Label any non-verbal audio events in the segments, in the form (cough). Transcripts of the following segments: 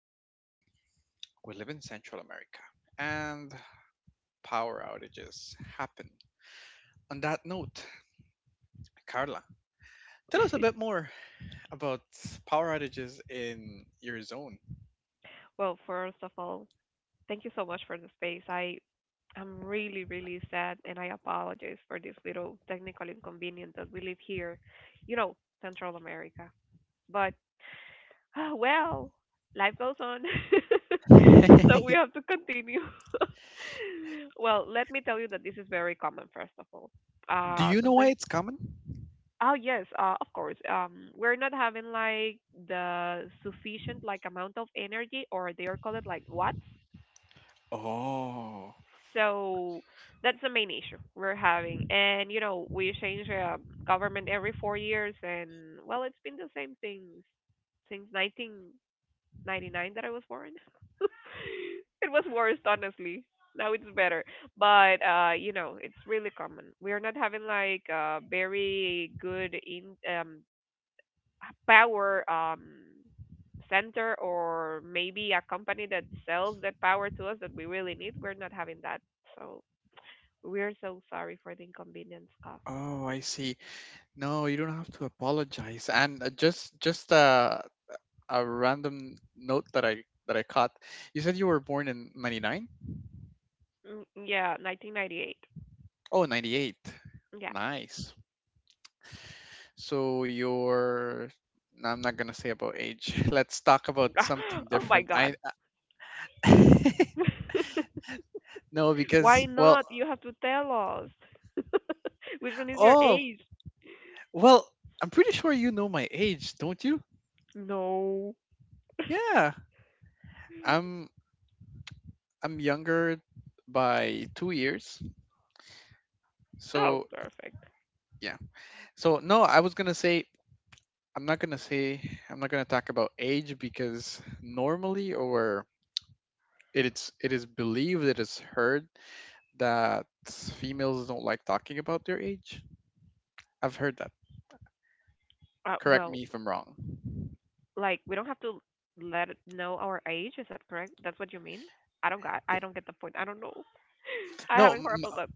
We we live in Central America and power outages happen. On that note, Carla, tell us a bit (laughs) more about power outages in your zone. Well, first of all, thank you so much for the space. I'm really, really sad and I apologize for this little technical inconvenience that we live here, you know, Central America. But (sighs) well, life goes on. (laughs) So (laughs) we Do have to continue. (laughs) Well, let me tell you that this is very common, first of all. Uh you know why sometimes it's common? Oh yes, of course. We're not having like the sufficient like amount of energy or they are called like watts. Oh, So that's the main issue we're having. And, you know, we change government every 4 years, and, well, it's been the same thing since 1999 that I was born. (laughs) It was worse, honestly. Now it's better. But, you know, it's really common. We are not having, like, very good in power center or maybe a company that sells that power to us that we really need. We're not having that. So we're so sorry for the inconvenience caused. oh, I see. No, you don't have to apologize. And just a random note that I caught. You said you were born in '99. Mm, yeah, 1998. Oh, 98. Yeah. Nice. So you're, no, I'm not gonna say about age. (laughs) Let's talk about something (laughs) Oh my different. God. I (laughs) (laughs) No, Why because, well, not? You have to tell us. (laughs) Which one is your oh, age? well, I'm pretty sure you know my age, don't you? No. Yeah, I'm I'm younger by 2 years. Oh, So perfect. yeah. So no, I'm not gonna say I'm not gonna talk about age because normally, or it is, it is believed, it is heard that females don't like talking about their age. I've heard that. Uh, Correct me well, if I'm wrong. like we don't have to let it know our age. Is that correct? That's what you mean? I don't got. I don't get the point. I don't know. I No, haven't heard about m- that.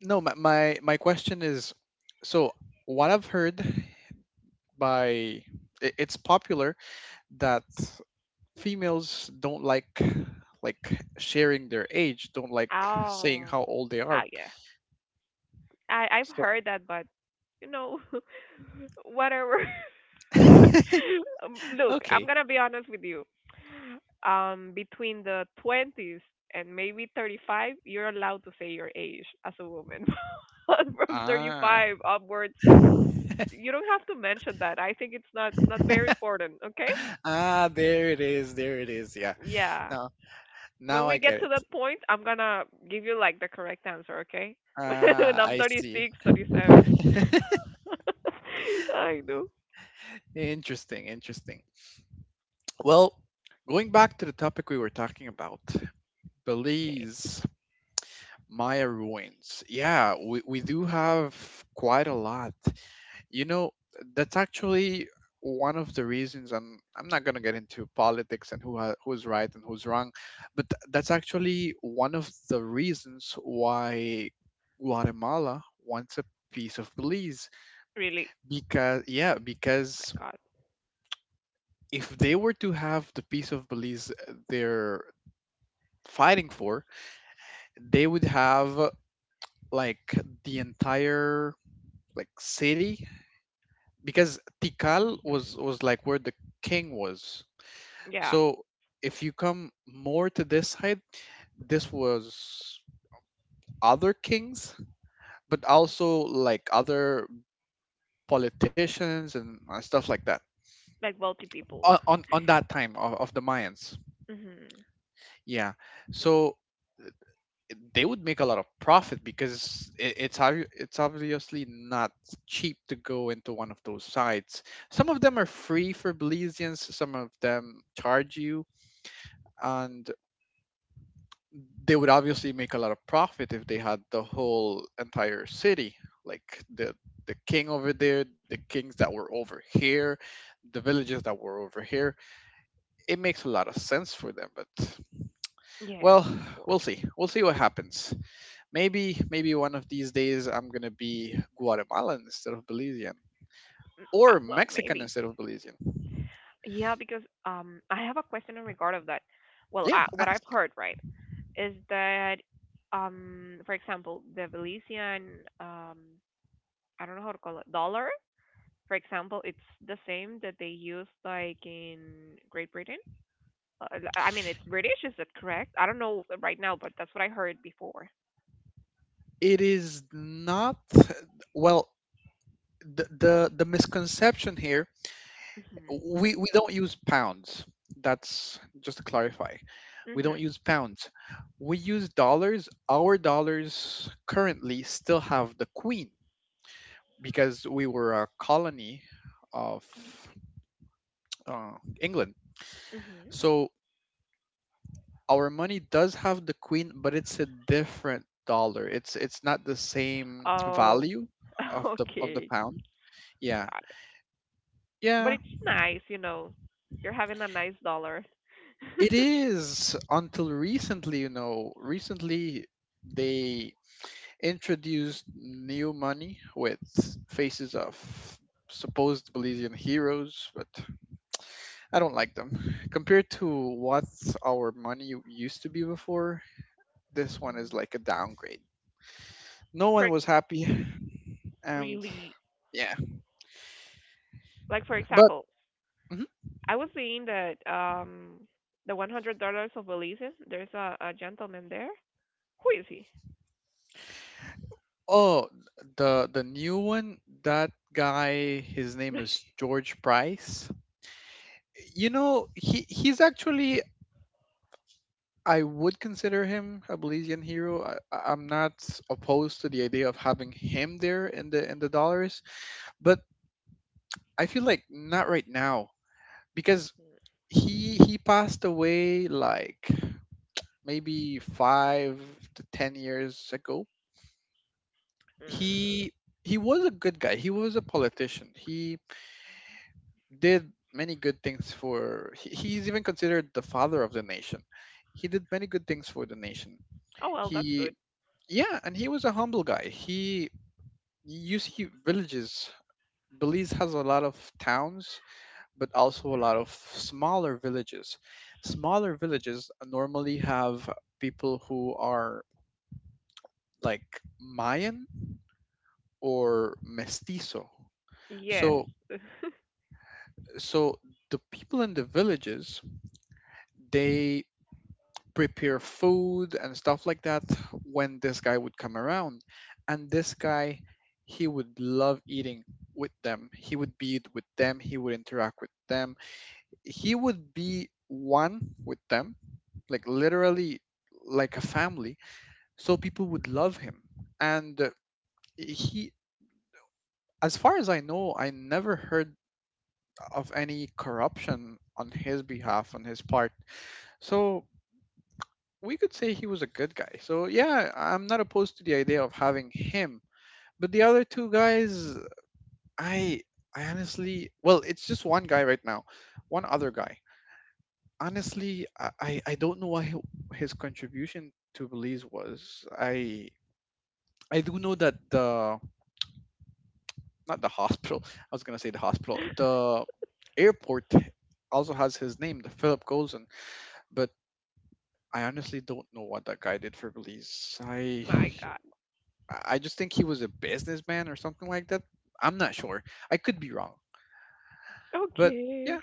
no. My question is, so what I've heard by, it's popular that females don't like sharing their age, don't like saying Oh. how old they Ah, are. yeah. I've So heard that, but you know, (laughs) whatever. (laughs) (laughs) Look, I'm okay. gonna be honest with you. Between the 20s and maybe 35, you're allowed to say your age as a woman. (laughs) But from Ah. 35 upwards, you don't have to mention that. I think it's not very important. Okay? Ah. There it is. There it is. Yeah. Yeah. Now, When now I we get get to that it. point, I'm gonna give you like the correct answer. Okay? (laughs) When Ah, I'm I thirty see. seven. (laughs) (laughs) I know. Interesting, interesting. Well, going back to the topic we were talking about, Okay. Belize, Maya ruins. Yeah, we do have quite a lot. You know, that's actually one of the reasons, and I'm not gonna get into politics and who who's right and who's wrong, but that's actually one of the reasons why Guatemala wants a piece of Belize Really, because, yeah, my because God. if they were to have the piece of Belize they're fighting for, they would have like the entire, like, city because Tikal Hmm. was like where the king was. Yeah, So if you come more to this side, this was other kings, but also like other politicians and stuff like that like wealthy people. on that time of the Mayans. Hmm. Yeah. So they would make a lot of profit because it's obviously not cheap to go into one of those sites. Some of them are free for Belizeans, some of them charge you, and they would obviously make a lot of profit if they had the whole entire city, like the king over there, the kings that were over here, the villages that were over here. It makes a lot of sense for them, but, Yeah, well, of we'll course. see. We'll see what happens. Maybe one of these days I'm gonna be Guatemalan instead of Belizean. Uh, Or well, Mexican maybe. instead of Belizean. Yeah, because I have a question in regard of that. Well, Yeah, what I've ask. heard, right, is that for example, the Belizean um, I don't know how to call it dollar. For example, it's the same that they use like in Great Britain. I mean, it's British. Is that correct? I don't know right now, but that's what I heard before. It is not, well, the misconception here, Mhm. we don't use pounds. That's just to clarify. We don't Mhm. use pounds. We use dollars. Our dollars currently still have the queen because we were a colony of uh, England. Mhm. So our money does have the queen, but it's a different dollar. It's not the same Oh, value (laughs) of the okay. pound. Yeah. Got it. But Yeah, it's nice, you know. You're having a nice dollar. (laughs) it is, until recently, you know, recently they introduced new money with faces of supposed Belizean heroes, but I don't like them. Compared to what our money used to be before, this one is Mhm. like a downgrade. No For one was happy and really, yeah. like for But example, mhm. I was seeing that the $100 of Belize's. There's a gentleman there. Who is he? Oh, the new one, that guy, his name is George Price. You know, he's actually, I would consider him a Belizean hero. I'm not opposed to the idea of having him there in the dollars, but I feel like not right now because he passed away like maybe 5 to 10 years ago. Mm. He he was a good guy. He was a politician. He did many good things for, he's even considered the father of the nation. He did many good things for the nation. Oh well, that's He, good. yeah, and he was a humble guy. He, you see villages, Belize has a lot of towns, but also a lot of smaller villages. Smaller villages normally have people who are like Mayan or Mestizo. Yes. So, (laughs) so the people in the villages, they prepare food and stuff like that when this guy would come around. And this guy, he would love eating with them. He would be it with them. He would interact with them. He would be one with them, like literally like a family. So people would love him. And he, as far as I know, I never heard of any corruption on his behalf, on his part. So we could say he was a good guy. So yeah, I'm not opposed to the idea of having him. But the other two guys, I I honestly, well, it's just one guy right now, one other guy. Honestly, I don't know what he, his contribution to Belize was. I do know that the, not the hospital. (laughs) I was gonna say the hospital. The airport also has his name, the Philip Golson. But I honestly don't know what that guy did for Belize. I My God. I I just think he was a businessman or something like that. I'm not sure. I could be wrong. But Okay. yeah,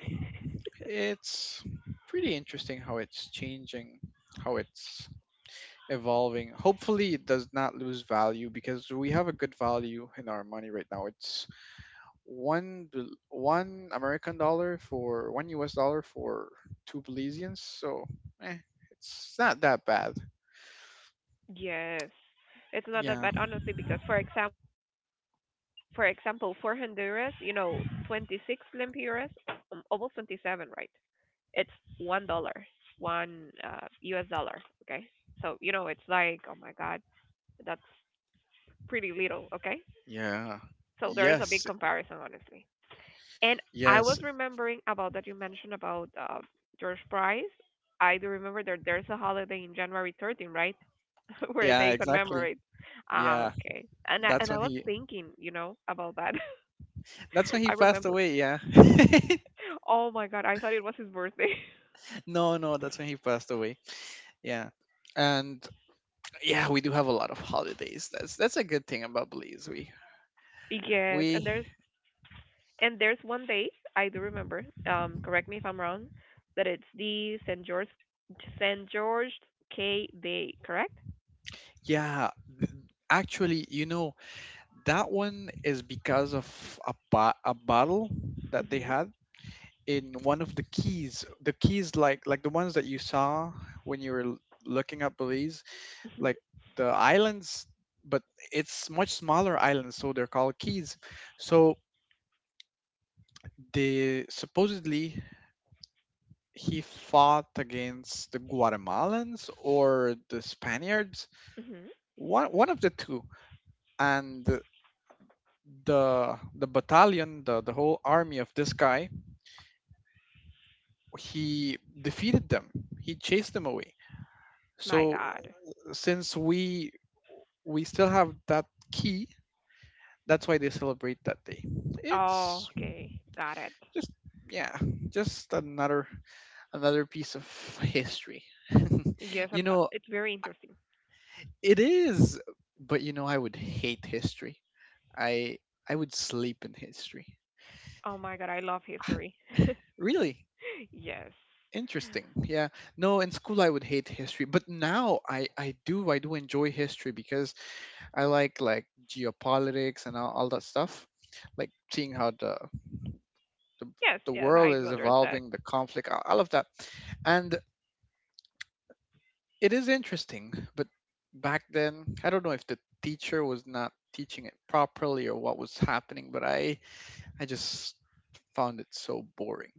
it's pretty interesting how it's changing, how it's evolving. Hopefully, it does not lose value because we have a good value in our money right now. It's one American dollar for one US dollar for two Belizeans. So, eh, it's not that bad. Yes. It's not that Yeah. bad, honestly, because for example, for Honduras, you know, 26 lempiras, almost 27, right? It's $1, one U.S. dollar. Okay, so it's like, oh my God, that's pretty little. Okay, Yeah. so there is a big Yes. comparison, honestly. And I was Yes. remembering about that you mentioned about George Price. I do remember that there's a holiday in January 13, right, (laughs) where Yeah, they exactly. commemorate. Ah, Yeah. okay. And I That's and I when was he thinking, about that. that's when (laughs) he I passed remember. away, yeah. Oh my god, I thought it was his birthday. (laughs) (laughs) No, no, that's when he passed away. Yeah. And yeah, we do have a lot of holidays. That's a good thing about Belize. We Yes, and we there's one day I do remember. Correct me if I'm wrong, that it's the Saint George K Day, correct? yeah, th- actually, you know, that one is because of a battle that they Mhm. had in one of the keys. The keys, like the ones that you saw when you were looking up Belize, Mhm. like the islands, but it's much smaller islands, so they're called keys. So they supposedly, he fought against the Guatemalans or the Spaniards, Mhm. one of the two, and the battalion, the whole army of this guy, he defeated them, he chased them away. My So God. since we still have that key, that's why they celebrate that day. Oh, It's okay, got it. just, yeah, just another, another piece of history. (laughs) Yes, You know, it's very interesting. it is, but you know, I would hate history. I i would sleep in history. Oh my God, I love history. (laughs) Really Yes. interesting, yeah. No, in school I would hate history, but now I do enjoy history because I like geopolitics and all that stuff, like seeing how the Yes. the Yes, world I do is understand. evolving, the conflict, all of that. And it is interesting, but back then, I don't know if the teacher was not teaching it properly or what was happening, but I just found it so boring.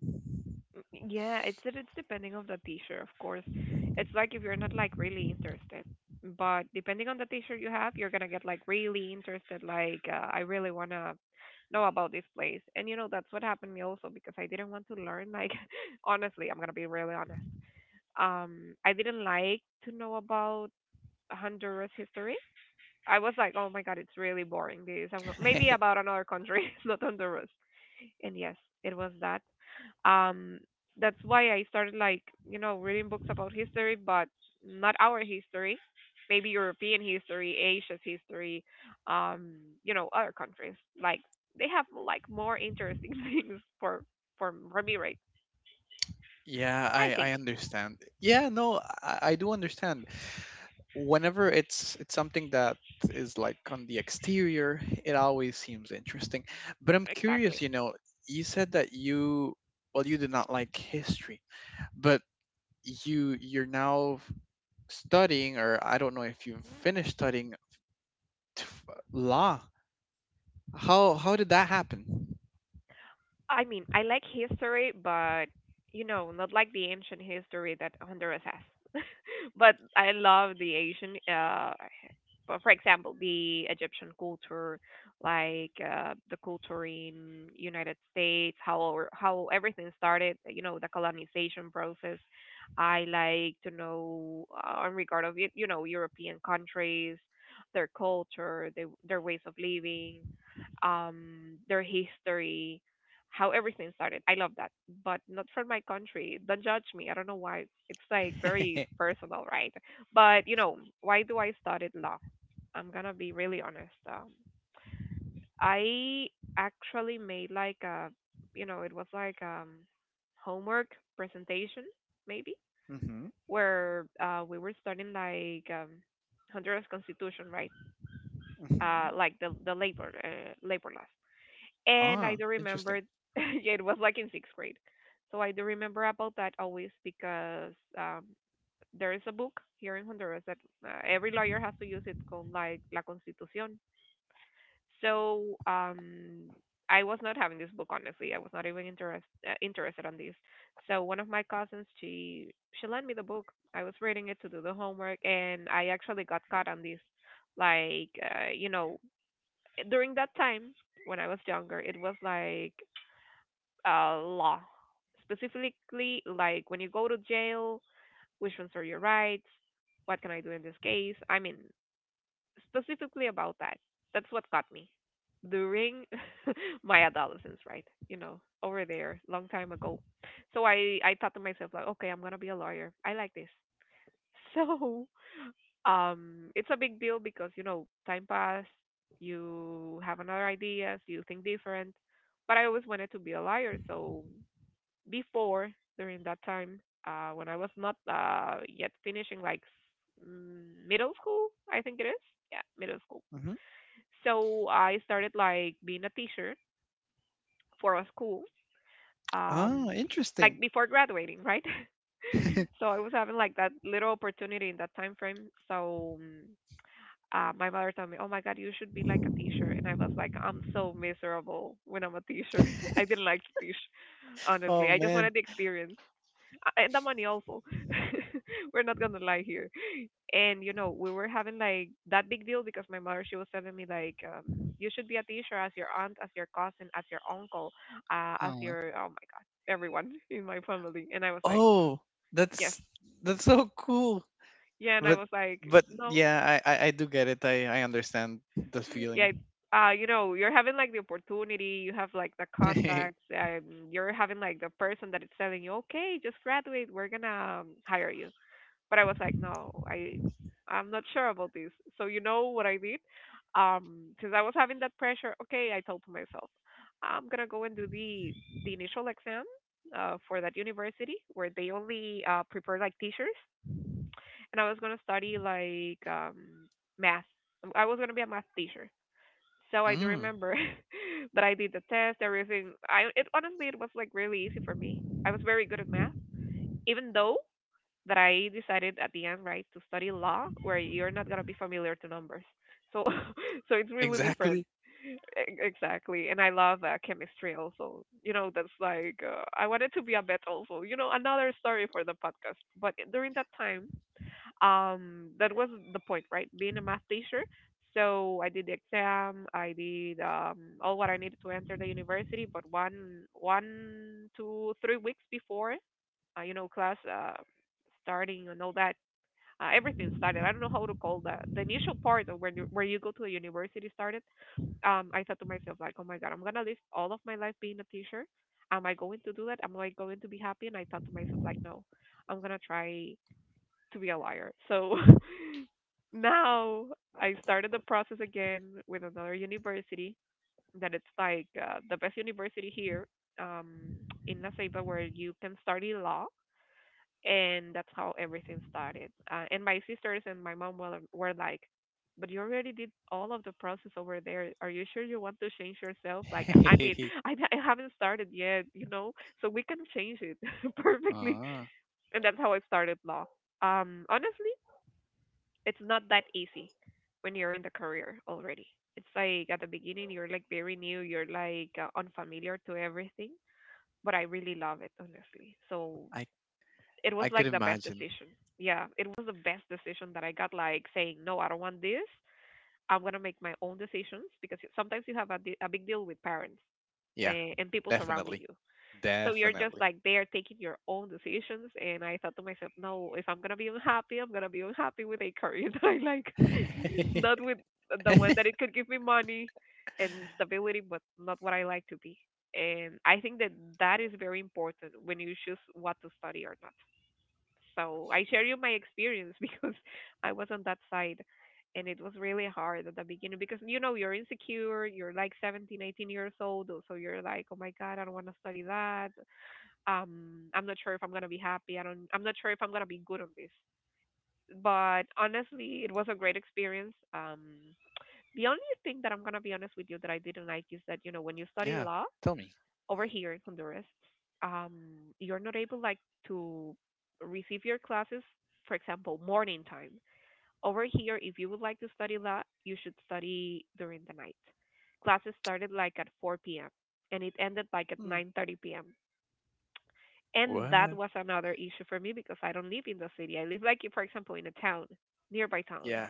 Mm, yeah, it's depending on the t-shirt, of course. It's like if you're not like really interested, but depending on the t-shirt you have, you're gonna get like really interested. Like I really wanna know about this place, and you know that's what happened to me also because I didn't want to learn. Like (laughs) honestly, I'm gonna be really honest. I didn't like to know about Honduras history. I was like, oh my god, it's really boring. Maybe about (laughs) another country, (laughs) not Honduras. And yes, it was that. Um, that's why I started like reading books about history, but not our history, maybe European history, Asia's history, um, other countries. Like they have like more interesting (laughs) things for me, right? Yeah, I I think I understand. Yeah, no, I do understand. Whenever it's something that is like on the exterior, it always seems interesting. But I'm curious, exactly. you know, you said that you, well, you did not like history, but you, you're now studying, or I don't know if you finished studying, t- law. How did that happen? I mean, I like history, but not like the ancient history that Honduras has. (laughs) But I love the Asian, but for example, the Egyptian culture, like the culture in United States, how everything started, the colonization process. I like to know in regard of it, European countries, their culture, their ways of living, their history, how everything started. I love that, but not for my country. Don't judge me. I don't know why. It's like very (laughs) personal, right? But why do I study law? I'm gonna be really honest. I actually made like a, it was like homework presentation maybe Mm-hmm. where we were studying like Honduras Constitution, right? Mm-hmm. Like the labor labor laws. And I Ah, do interesting. remember (laughs) yeah, it was like in sixth grade, so I do remember about that always because there is a book here in Honduras that every lawyer has to use. It called like La Constitución. So I was not having this book honestly. I was not even interested on these. So one of my cousins, she lent me the book. I was reading it to do the homework, and I actually got caught on this. Like during that time when I was younger, it was like law, specifically like when you go to jail, which ones are your rights, what can I do in this case? I mean, specifically about that. That's what got me during (laughs) my adolescence, right? Over there, long time ago. So I thought to myself like, okay, I'm gonna be a lawyer. I like this. (laughs) So it's a big deal because time pass, you have another ideas, you think different. But I always wanted to be a lawyer. So before during that time, when I was not yet finishing like middle school, I think it is. Yeah, middle school, Mm-hmm. so I started like being a teacher for a school, um, Ah, like interesting. before graduating, right? (laughs) (laughs) So I was having like that little opportunity in that time frame. So my mother told me, "Oh my God, you should be like a teacher," and I was like, "I'm so miserable when I'm a teacher. (laughs) I didn't like to teach, Oh honestly. I just man. wanted the experience. And the money also." (laughs) We're not gonna lie here, and we were having like that big deal because my mother, she was telling me like you should be a teacher, as your aunt, as your cousin, as your uncle, as Oh, your, oh my god, everyone (laughs) in my family, and I was like oh, yes, that's so cool. yeah, and I but was like but no, yeah, I do get it. I understand the feeling. yeah, you're having like the opportunity, you have like the contacts, (laughs) you're having like the person that is telling you, okay, just graduate, we're gonna hire you. But I was like, no, I'm not sure about this. So you know what I did? Since I was having that pressure, okay, I told to myself, I'm gonna go and do the initial exam for that university where they only prepare like teachers, and I was gonna study like math. I was gonna be a math teacher. So I do Mm, remember (laughs) that I did the test, everything. I it honestly, it was like really easy for me. I was very good at math, even though that I decided at the end, right, to study law, where you're not gonna be familiar to numbers. So, (laughs) so it's really different. exactly. Exactly. And I love chemistry also. That's like I wanted to be a vet also. Another story for the podcast. But during that time, that was the point, right? Being a math teacher. So I did the exam. I did all what I needed to enter the university. But 1, 1, 2, 3 weeks before, class starting and all that, everything started. I don't know how to call that. The initial part of where you go to a university started. I thought to myself like, oh my god, I'm gonna live all of my life being a teacher. Am I going to do that? Am I going to be happy? And I thought to myself like, no, I'm gonna try to be a liar. So (laughs) now I started the process again with another university. That it's like the best university here um, in La Ceiba where you can study law, and that's how everything started. And my sisters and my mom were like, "But you already did all of the process over there. Are you sure you want to change yourself? Like, I mean, (laughs) (laughs) I haven't started yet. So we can change it (laughs) perfectly." Ah, And that's how I started law. Honestly, it's not that easy when you're in the career already. It's like at the beginning you're like very new, you're like unfamiliar to everything. But I really love it, honestly. So I it was I could like the best imagine. decision. Yeah, it was the best decision that I got. Like saying, no, I don't want this. I'm gonna make my own decisions because sometimes you have a big deal with parents Yeah, and people surrounding definitely, you. So you're just definitely. like they are taking your own decisions. And I thought to myself, no, if I'm gonna be unhappy, I'm gonna be unhappy with a career (laughs) that I like, (laughs) not with (laughs) the one that it could give me money and stability, but not what I like to be. And I think that that is very important when you choose what to study or not, so I share you my experience (laughs) because I was on that side and it was really hard at the beginning because you're insecure, you're like 17, 18 years old, so you're like, "Oh my god, I don't want to study that. I'm not sure if I'm going to be happy. I'm not sure if I'm going to be good on this." But honestly, it was a great experience. The only thing that I'm going to be honest with you that I didn't like is that when you study Yeah, law tell me. over here in Honduras, um, you're not able like to receive your classes, for example, morning time. Over here, if you would like to study law, you should study during the night. Classes started like at 4 p.m. and it ended like at Hmm. 9:30 p.m. And that What? was another issue for me because I don't live in the city. I live like, for example, in a town, nearby town. Yeah.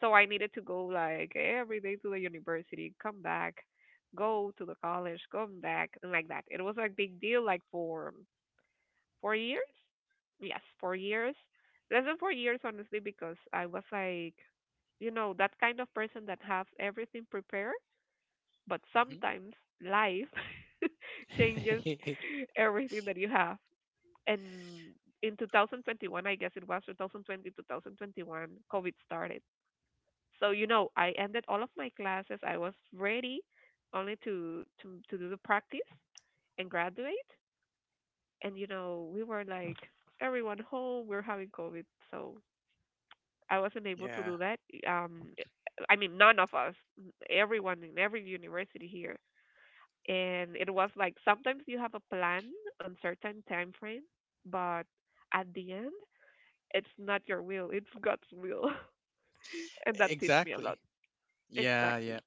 So I needed to go like every day to the university, come back, go to the college, come back, and like that. It was like big deal, like for 4 years. Yes, 4 years. Less than 4 years, honestly, because I was like, that kind of person that has everything prepared, but Hmm. sometimes life (laughs) changes (laughs) everything that you have. And in 2021, I guess it was 2020, 2021, COVID started. So I ended all of my classes. I was ready only to do the practice and graduate. And we were like everyone home. We're having COVID, so I wasn't able to Yeah. do that. Um, I mean, none of us, everyone in every university here. And it was like sometimes you have a plan on certain time frame, but at the end, it's not your will, it's God's will, (laughs) and that teach me a Exactly. lot. Yeah, yeah. Exactly.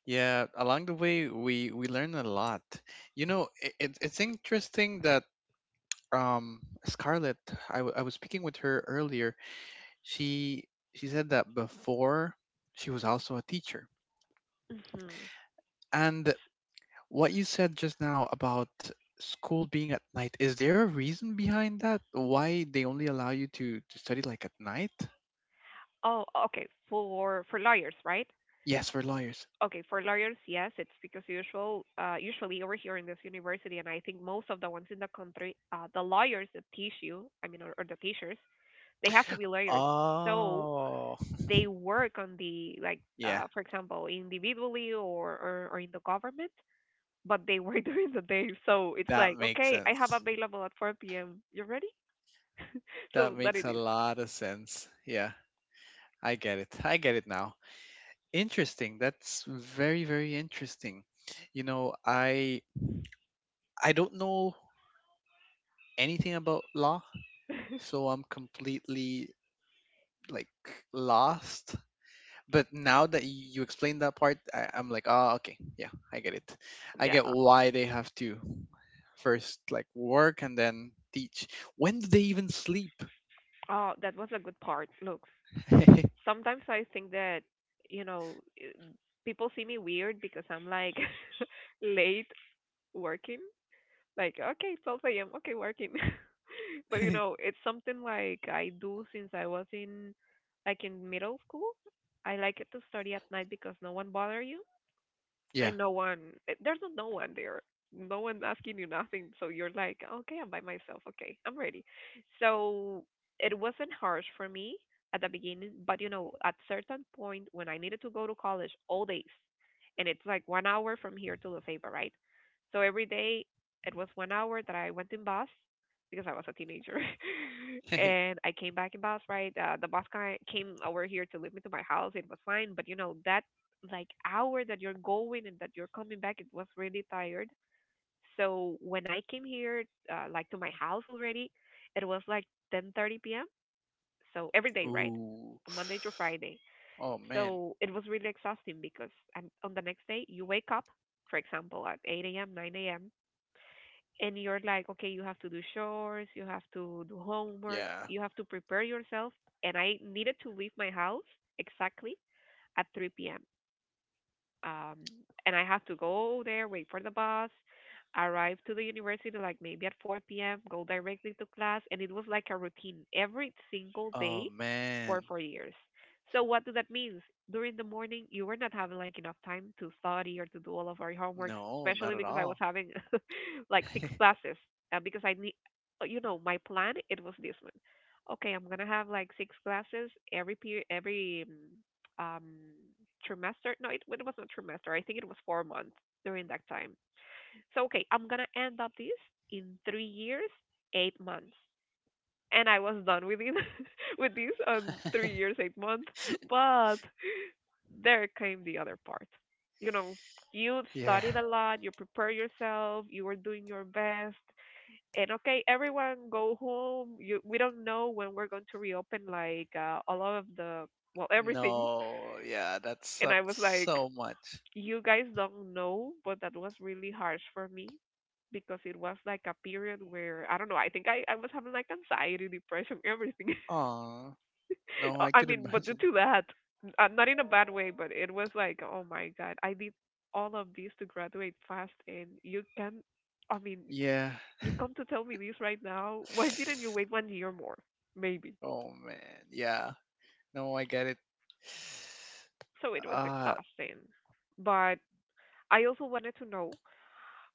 Yeah, along the way we learn a lot. You know, it's interesting that Scarlett, I, I was speaking with her earlier. She she said that before she was also a teacher. Mhm. And what you said just now about school being at night, is there a reason behind that? Why they only allow you to study like at night? Oh, okay. For lawyers, right? Yes, for lawyers. Okay, for lawyers, yes, it's because usually over here in this university, and I think most of the ones in the country, the lawyers that teach you, I mean or the teachers, they have to be lawyers. So Oh, they work on the like yeah, for example, individually or in the government, but they work (laughs) during the day. So it's that like, makes okay, I have sense. available at 4 p.m. You ready? (laughs) That So that makes it a is. lot of sense. Yeah. I get it. I get it now. Interesting. That's very, very interesting. You know, I don't know anything about law, so I'm completely like lost. But now that you explained that part, I, I'm like, ah, okay, yeah, I get it. I Yeah. get why they have to first, like, work and then teach. When do they even sleep? (laughs) Oh, that was a good part. Look, sometimes I think that, you know, i- people see me weird because I'm like (laughs) late working. Like, okay, 12 a.m., okay, working. (laughs) But it's something like I do since I was in like in middle school. I like it to study at night because no one bother you, Yeah. and no one, there's no one there, no one's asking you nothing, so you're like, okay, I'm by myself, okay, I'm ready. So it wasn't harsh for me at the beginning, but at certain point when I needed to go to college all days, and it's like 1 hour from here to Lefebvre, right. So every day it was 1 hour that I went in bus, because I was a teenager (laughs) (laughs) and I came back in bus, right. The bus guy came over here to leave me to my house, it was fine, but that like hour that you're going and that you're coming back, it was really tired. So when I came here, like to my house already, it was like 10:30 p.m. So every day, right, Ooh. Monday to Friday. Oh man. So it was really exhausting because on the next day you wake up, for example, at 8 a.m., 9 a.m. And you're like, okay, you have to do chores, you have to do homeworks, Yeah. you have to prepare yourself. And I needed to leave my house exactly at 3 p.m. um and I have to go there, wait for the bus, arrive to the university like maybe at 4 p.m., go directly to class, and it was like a routine every single Oh day for man. 4 years. So what does that mean? During the morning, you were not having like enough time to study or to do all of our homeworks, No, not especially at because I was all. having (laughs) like six (laughs) classes, because I need, my plan it was this one. Okay, I'm gonna have like six classes every period, every um trimester. No, it was not trimester. I think it was 4 months during that time. So okay, I'm gonna end up this in 3 years, 8 months. And I was done with it (laughs) with this on 3 years, 8 months. But there came the other part. You know, you Yeah. studied a lot, you prepare yourself, you were doing your best. And okay, everyone go home. You we don't know when we're going to reopen like all of the, well, everything. No, yeah, that And I sucked was like, so much. you guys don't know, but that was really harsh for me because it was like a period where I don't know. I think I was having like anxiety, depression, everything. (laughs) Aw, no, I I could mean, but due imagine. to that, not in a bad way, but it was like, oh my god, I did all of this to graduate fast, and you can, I mean, Yeah. you come to tell me this right now. Why didn't you (sighs) wait 1 year more? Maybe. Oh man, yeah. No, I get it. So it was Uh, exhausting, but I also wanted to know,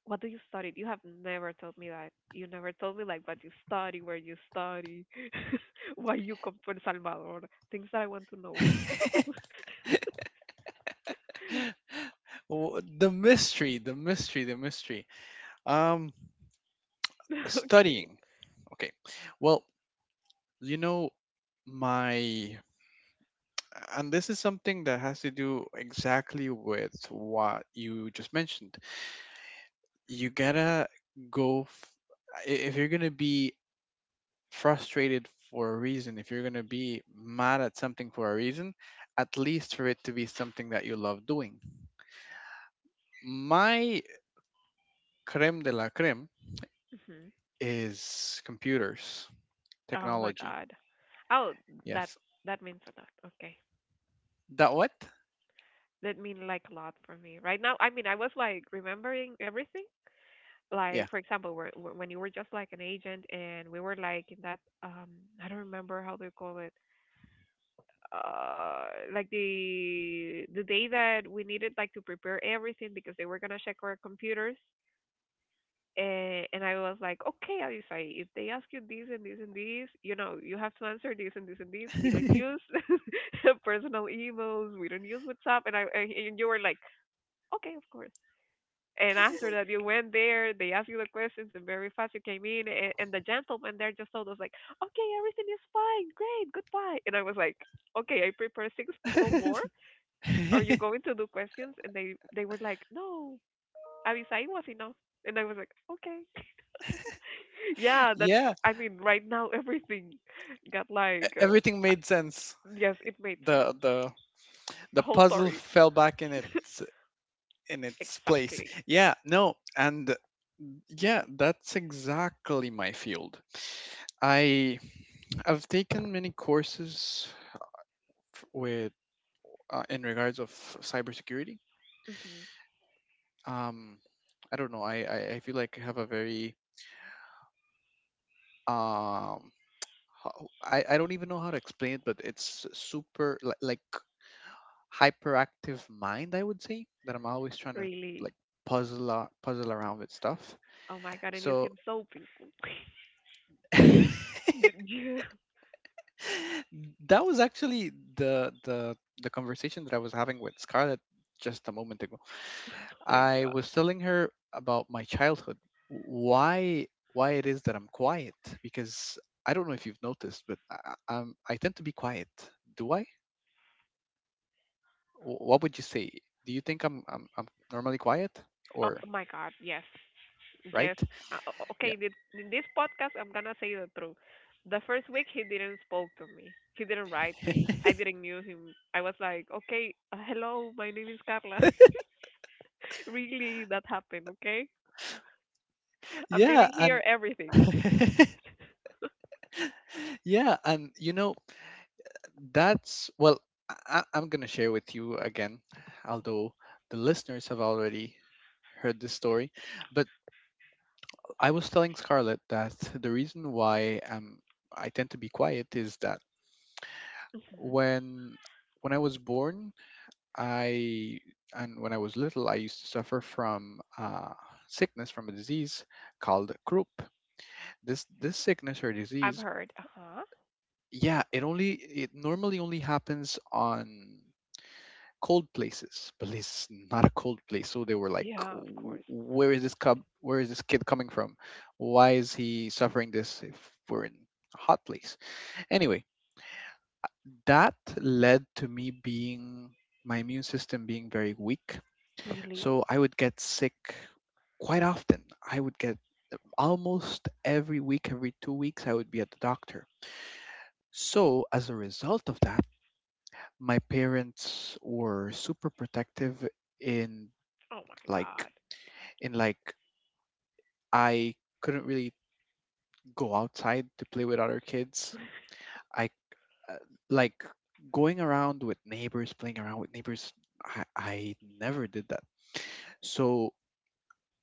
what do you study? You have never told me that. You never told me like what you study, where you study, (laughs) why you come to El Salvador. Things that I want to know. (laughs) The mystery, the mystery, the mystery. Um, (laughs) Okay. studying. Okay. Well, you know, my, and this is something that has to do exactly with what you just mentioned. You gotta go f- I- if you're gonna be frustrated for a reason, if you're gonna be mad at something for a reason, at least for it to be something that you love doing. My creme de la creme Hmm. is computers, Oh my technology. God. Oh, that Yes. that means a lot. Okay. That what? That mean like a lot for me. Right now, I mean, I was like remembering everything. Yeah. Like for example, when you were just like an agent, and we were like in that I don't remember how they call it. uh like the day that we needed like to prepare everything because they were gonna check our computers, and I was like, okay, Alisai, if they ask you this and this and this, you have to answer this and this and this. We don't use (laughs) (laughs) personal emails. We don't use WhatsApp. And I and you were like, okay, of course. And after that, you went there. They asked you the questions, and very fast you came in. And the gentleman there just told us like, okay, everything is fine, great, goodbye. And I was like, okay, I prepared six people more, are you going to do questions? And they were like, no, Abisai was enough. And I was like, okay, (laughs) yeah. That Yeah. I mean, right now everything got e- like, everything made sense. yes, it made the sense. the The whole puzzle story, fell back in its place. exactly. Yeah. No. And yeah, that's exactly my field. I, I've taken many courses f- with in regards of cybersecurity. Hmm. Um, I don't know. I feel like I have a very um I don't even know how to explain it, but it's like hyperactive mind, I would say, that I'm always trying to like Really. Puzzle around with stuff. Oh my god, and you So seem so peaceful. (laughs) (laughs) Yeah, that was actually the conversation that I was having with Scarlett just a moment ago. my I god. was telling her about my childhood, why why it is that I'm quiet, because I don't know if you've noticed, but I tend to be quiet. Do I? What would you say? Do you think I'm normally quiet Oh or my god, yes. Yes. right? Uh, o- Yeah. okay, th- in this podcast, I'm gonna say the truth. The first week, he didn't spoke to me. He didn't write me. I (laughs) didn't knew him. I was like, okay, hello, my name is Carla. (laughs) Really, that happened, okay? I'm yeah, leaving here, and everything. (laughs) yeah, and that's, well, I am gonna share with you again, although the listeners have already heard this story. But I was telling Scarlett that the reason why I tend to be quiet is that Hmm. when when I was born, I and when I was little, I used to suffer from sickness, from a disease called croup. This sickness or I've disease, heard. Uh huh. yeah, it only, it normally only happens on cold places, but is not a cold place. So they were like, Yeah, of course. Where is this cub? Where is this kid coming from? Why is he suffering this if we're in a hot place?" Anyway, that led to me being, my immune system being very weak. Really? So I would get sick quite often. I would get almost every week, every 2 weeks, I would be at the doctor. So as a result of that, my parents were super protective in, Oh my like God. Like, I couldn't really go outside to play with other kids. I, uh, like going around with neighbors, playing around with neighbors. I never did that. So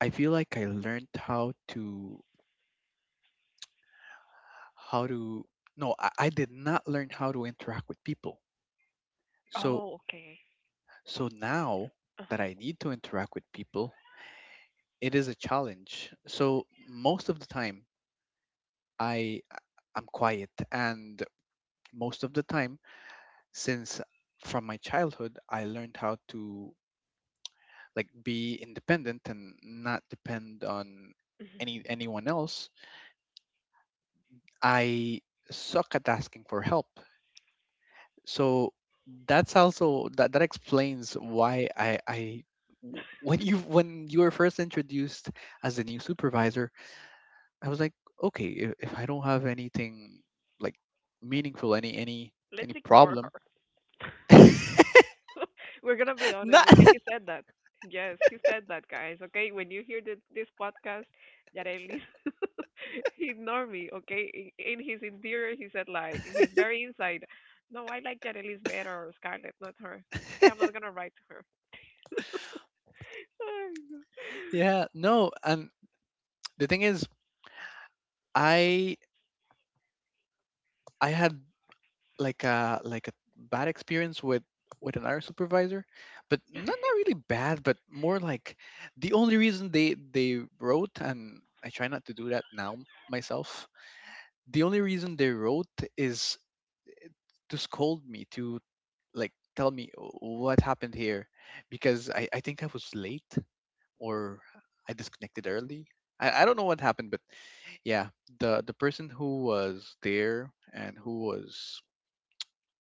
I feel like I learned how to, how to, no, I did not learn how to interact with people. So, Oh, okay. so now that I Uh-huh. need to interact with people, it is a challenge. So most of the time, I, I'm quiet, and most of the time, since from my childhood I learned how to like be independent and not depend on Hmm. anyone else, I suck at asking for help. So that's also that explains why when you were first introduced as the new supervisor, I was like, okay, if I don't have anything like meaningful, any any Let's ignore her. problem, (laughs) We're gonna be (laughs) not honest, okay? (laughs) He said that. Yes, he said that, guys. Okay, when you hear this podcast, Yareli, (laughs) ignore me, okay? In his interior, he said like in his very inside, no, I like Yareli's better or Scarlett, not her. Okay, I'm not gonna write to her. (laughs) Ay, no. yeah, no. And the thing is, I I had like a bad experience with another supervisor, but not, not really bad, but more like, the only reason they wrote, and I try not to do that now myself. The only reason they wrote is to scold me, to like tell me, "Oh, what happened here, because I think I was late, or I disconnected early. I don't know what happened, but yeah," the person who was there and who was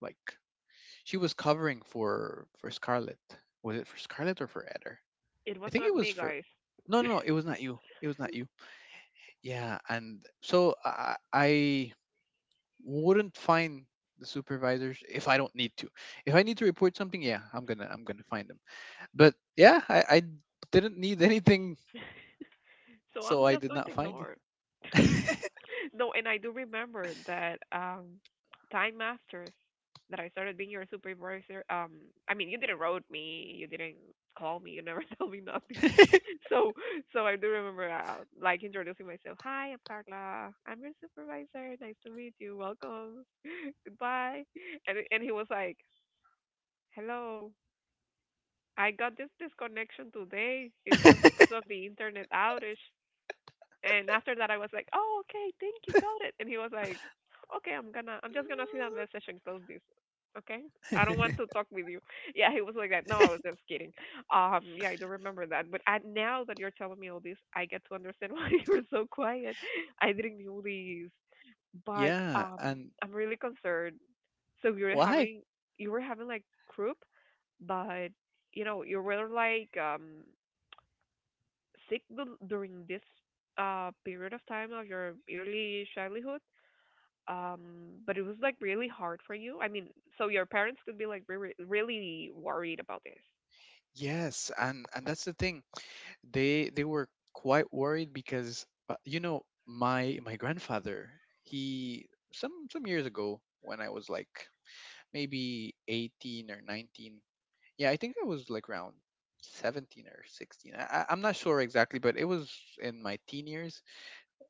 like, she was covering for Scarlett. Was it for Scarlett or for Eder? It I was think not it was me, for. guys. No, no, no. It was not you. It was not you. Yeah, and so I wouldn't find the supervisors if I don't need to. If I need to report something, yeah, I'm gonna, I'm gonna find them. But yeah, I didn't need anything, So so I'm I just did going to not find you. ignore. (laughs) No, and I do remember that Time Master, that I started being your supervisor. I mean, you didn't wrote me, you didn't call me, you never (laughs) told me nothing. (laughs) So, so I do remember, like introducing myself. Hi, I'm Carla. I'm your supervisor. Nice to meet you. Welcome. (laughs) Goodbye. And he was like, hello, I got this disconnection today. It was because of the internet outage. And after that, I was like, "Oh, okay, thank you, got it." And he was like, "Okay, I'm just gonna see that message (laughs) and close this." Okay, I don't want to talk with you. (laughs) Yeah, he was like that. No, I was just kidding. Yeah, I don't remember that. But I, now that you're telling me all this, I get to understand (laughs) why you were so quiet. I didn't know this, (laughs) but yeah, and I'm really concerned. So you were why? having, you were having like croup, but you know, you were like sick during this period of time of your early childhood, um but it was like really hard for you. I mean, so your parents could be like really worried about this. Yes, and that's the thing. They were quite worried because, you know, my grandfather, he, some years ago when I was like maybe 18 or 19. Yeah, I think I was like around 17 or 16. I'm not sure exactly, but it was in my teen years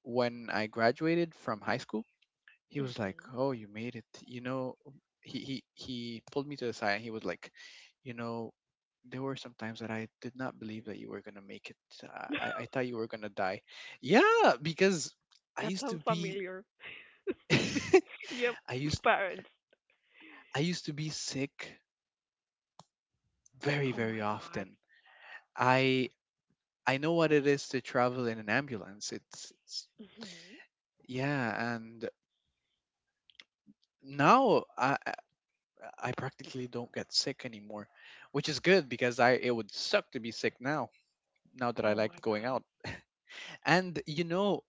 when I graduated from high school. He was like, "Oh, you made it." You know, he pulled me to the side and he was like, "You know, there were some times that I did not believe that you were gonna make it. I thought you were gonna die." Yeah, because (laughs) I That used to sounds be, familiar. (laughs) (laughs) Yep, I used parents. I used to be sick very, Oh very my god. often. I I know what it is to travel in an ambulance. It's, Hmm. yeah, and now I practically don't get sick anymore, which is good because I, it would suck to be sick now. Now that I Oh like my going god. out, and you know,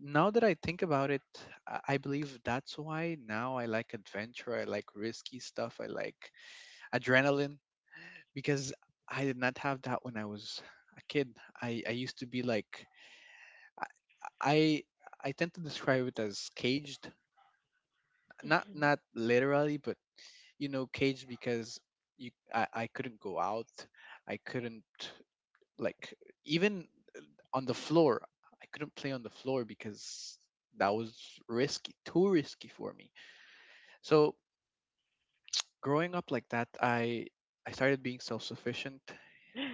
now that I think about it, I believe that's why now I like adventure. I like risky stuff. I like adrenaline, because I did not have that when I was a kid. I used to be like I I I tend to describe it as caged, not, Hmm. not literally, but you know, caged because you I couldn't go out, I couldn't like, even on the floor, I couldn't play on the floor because that was risky, too risky for me. So, growing up like that, I started being self-sufficient,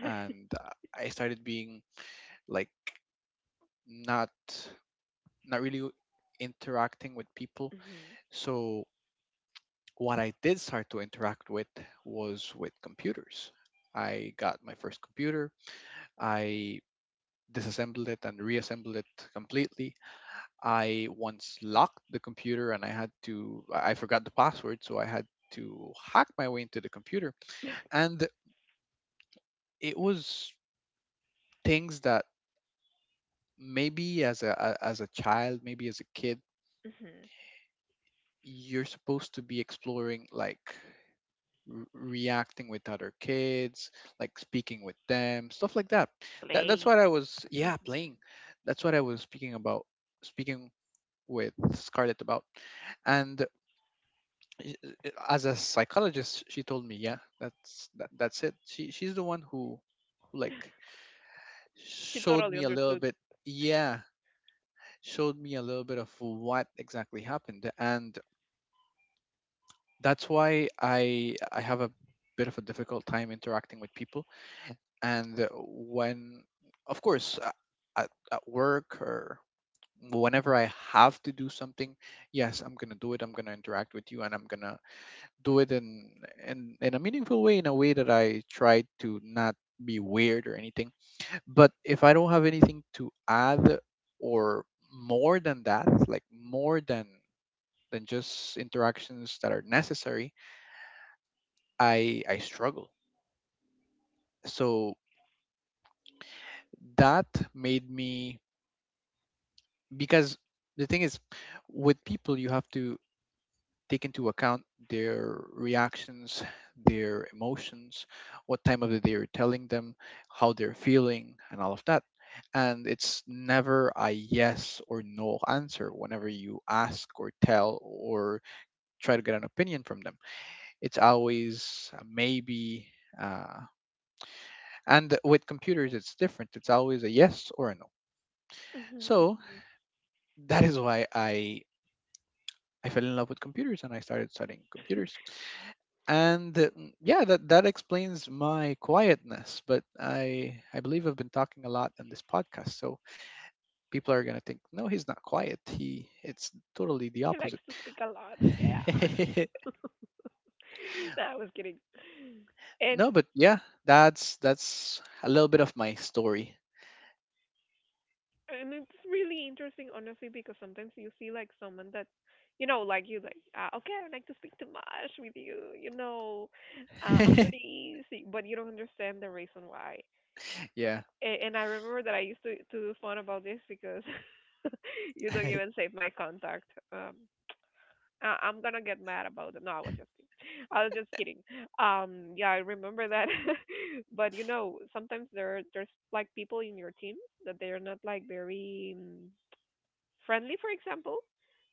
and I started being like, not, not really interacting with people. Hmm. So what I did start to interact with was with computers. I got my first computer, I disassembled it and reassembled it completely. I once locked the computer and I had to, I forgot the password, so I had to hack my way into the computer. And it was things that maybe as as a child, maybe as a kid, Hmm. you're supposed to be exploring, like reacting with other kids, like speaking with them, stuff like that. (laughs) That, that's Playing. what I was, Hmm. yeah, playing, that's what I was speaking about, speaking with Scarlett about. And as a psychologist, she told me, yeah, that's that, that's it. She's the one who like She showed totally me a little understood. bit, yeah, showed me a little bit of what exactly happened. And that's why I have a bit of a difficult time interacting with people. And when, of course, at work, or whenever I have to do something, yes, I'm gonna do it. I'm gonna interact with you, and I'm gonna do it in in a meaningful way, in a way that I try to not be weird or anything. But if I don't have anything to add, or more than that, like, more than just interactions that are necessary, I struggle. So that made me, because the thing is, with people you have to take into account their reactions, their emotions, what time of the day you're telling them, how they're feeling, and all of that. And it's never a yes or no answer whenever you ask or tell or try to get an opinion from them. It's always a maybe. Uh, and with computers, it's different. It's always a yes or a no. Hmm. So that is why I fell in love with computers, and I started studying computers. And yeah, that explains my quietness, but I believe I've been talking a lot in this podcast, so people are going to think, no, he's not quiet, he it's totally the He likes opposite. to speak a lot, yeah. (laughs) No, I was kidding. (laughs) and No, but yeah, that's a little bit of my story. and it's really interesting honestly, because sometimes you see like someone that you know, like you like, okay, I don't like to speak too much with you, you know. I'm (laughs) pretty easy, but you don't understand the reason why. yeah And I remember that I used to do fun about this because (laughs) you don't even (laughs) save my contact. um I- I'm gonna get mad about it. No, I was just kidding. Yeah, I remember that. (laughs) But you know, sometimes there's like people in your team that they're not like very, friendly, for example.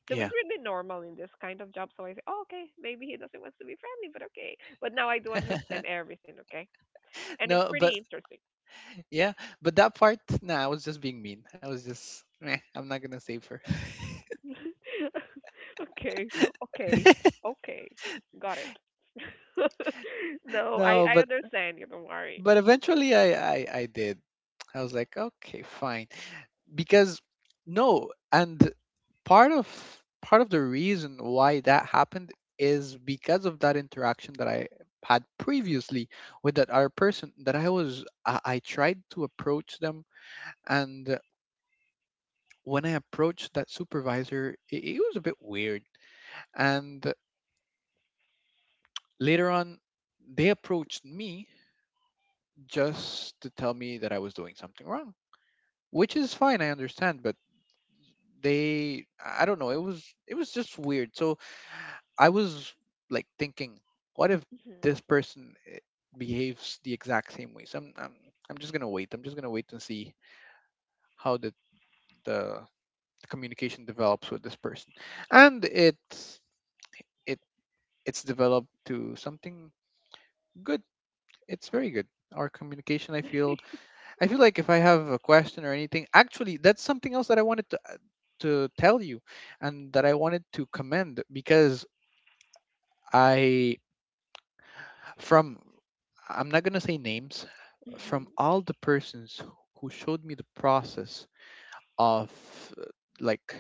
So it's yeah really normal in this kind of job. So I say, oh, okay, maybe he doesn't want to be friendly, but okay. But now I do understand (laughs) everything, okay? And it's no, but pretty interesting. yeah, but that part, nah, I was just being mean. I was just meh, I'm not going to save her. (laughs) Okay, okay, (laughs) okay. Got it. (laughs) No, No, I but, understand you. Don't worry. but eventually I, I did, I was like, okay, fine, because, no, and part of the reason why that happened is because of that interaction that I had previously with that other person that I tried to approach them, and when I approached that supervisor, it was a bit weird, and later on they approached me just to tell me that I was doing something wrong, which is fine, I understand, but they, I don't know, it was, it was just weird. So I was like thinking, what if Mm-hmm. this person, behaves the exact same way? So I'm just going to wait, I'm just going to wait and see how the the communication develops with this person. And it's, it it's developed to something good. It's very good, our communication, I feel. I feel like if I have a question or anything, actually, that's something else that I wanted to tell you, and that I wanted to commend, because I, from, I'm not gonna say names, Mm-hmm. from all the persons who showed me the process of, uh, like,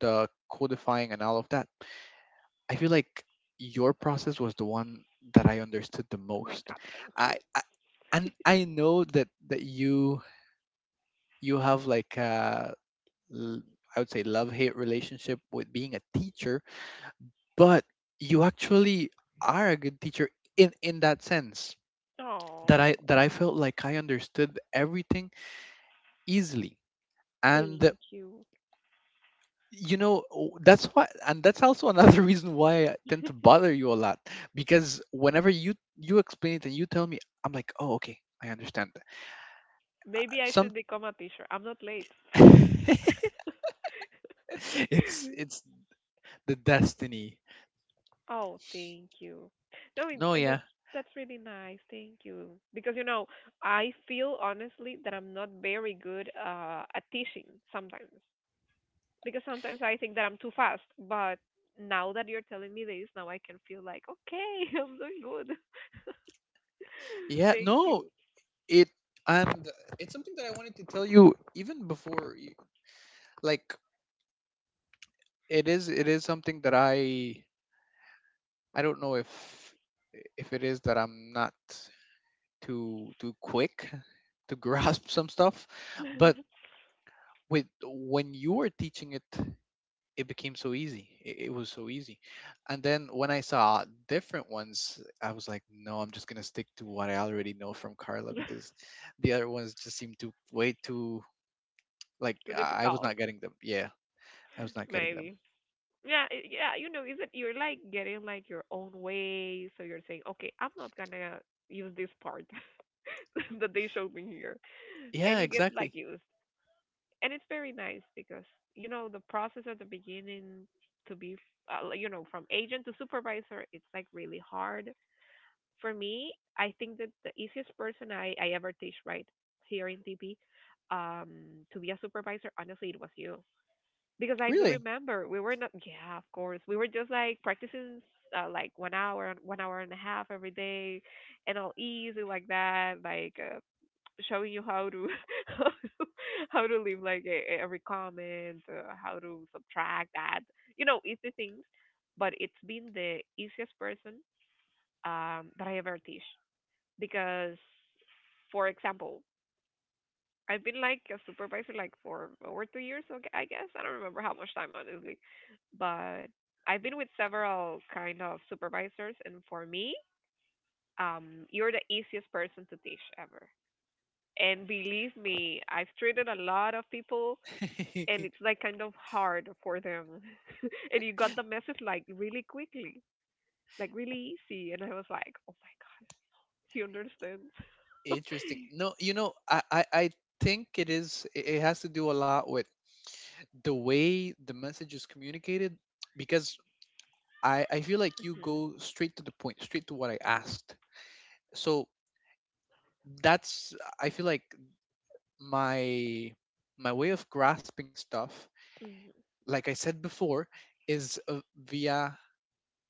the codifying and all of that. I feel like your process was the one that I understood the My most. God, thank I, you. I and I know that you have like l- I would say love hate relationship with being a teacher, but you actually are a good teacher in that sense that I Oh, felt like I understood everything easily. And thank you. That's why, and that's also another (laughs) reason why I tend to bother you a lot because whenever you explain it and you tell me I'm like, oh, okay, I understand Maybe I some. should become a teacher. I'm not late. (laughs) it's it's the destiny. Oh, thank you. No, No, and yeah. that's really nice. Thank you. Because you know, I feel honestly that I'm not very good at teaching sometimes. Because sometimes I think that I'm too fast, but now that you're telling me this, now I can feel like, okay, (laughs) I'm doing good. (laughs) yeah Thank no you. it and it's something that I wanted to tell you even before you, like, it is something that I don't know if it is that I'm not too quick to (laughs) grasp some stuff. But (laughs) with when you were teaching it, it became so easy. It was so easy. And then when I saw different ones, I was like, no, I'm just going to stick to what I already know from Carla, because the other ones just seemed too way too, like, Too I was difficult, not getting them. Yeah, I was not getting them. maybe. Yeah, yeah, you know, is it you're like getting like your own way, so you're saying, okay, I'm not gonna use this part (laughs) that they showed me here, and Yeah, you get like exactly. used, and it's very nice because you know the process at the beginning to be like, you know, from agent to supervisor, it's like really hard for me. I think that the easiest person I ever teach right here in TP um to be a supervisor, honestly, it was you, because I do Really? remember we were not, yeah, of course we were just like practicing, like one hour, one hour and a half every day, and all easy like that, like, showing you how to (laughs) how to, how to leave like a, every comment, how to subtract, add, you know, easy things. But it's been the easiest person, that I ever teach, because, for example, I've been like a supervisor like for over 2 years, okay, I guess I don't remember how much time honestly, but I've been with several kind of supervisors, and for me, you're the easiest person to teach ever. And believe me, I've treated a lot of people and (laughs) it's like kind of hard for them. (laughs) And you got the message like really quickly, like really easy. And I was like, oh my God, he understands. Interesting. (laughs) No, you know, I think it is, it has to do a lot with the way the message is communicated, because I feel like you Hmm. go straight to the point, straight to what I asked. So that's, I feel like my, my way of grasping stuff, Hmm. like I said before, is via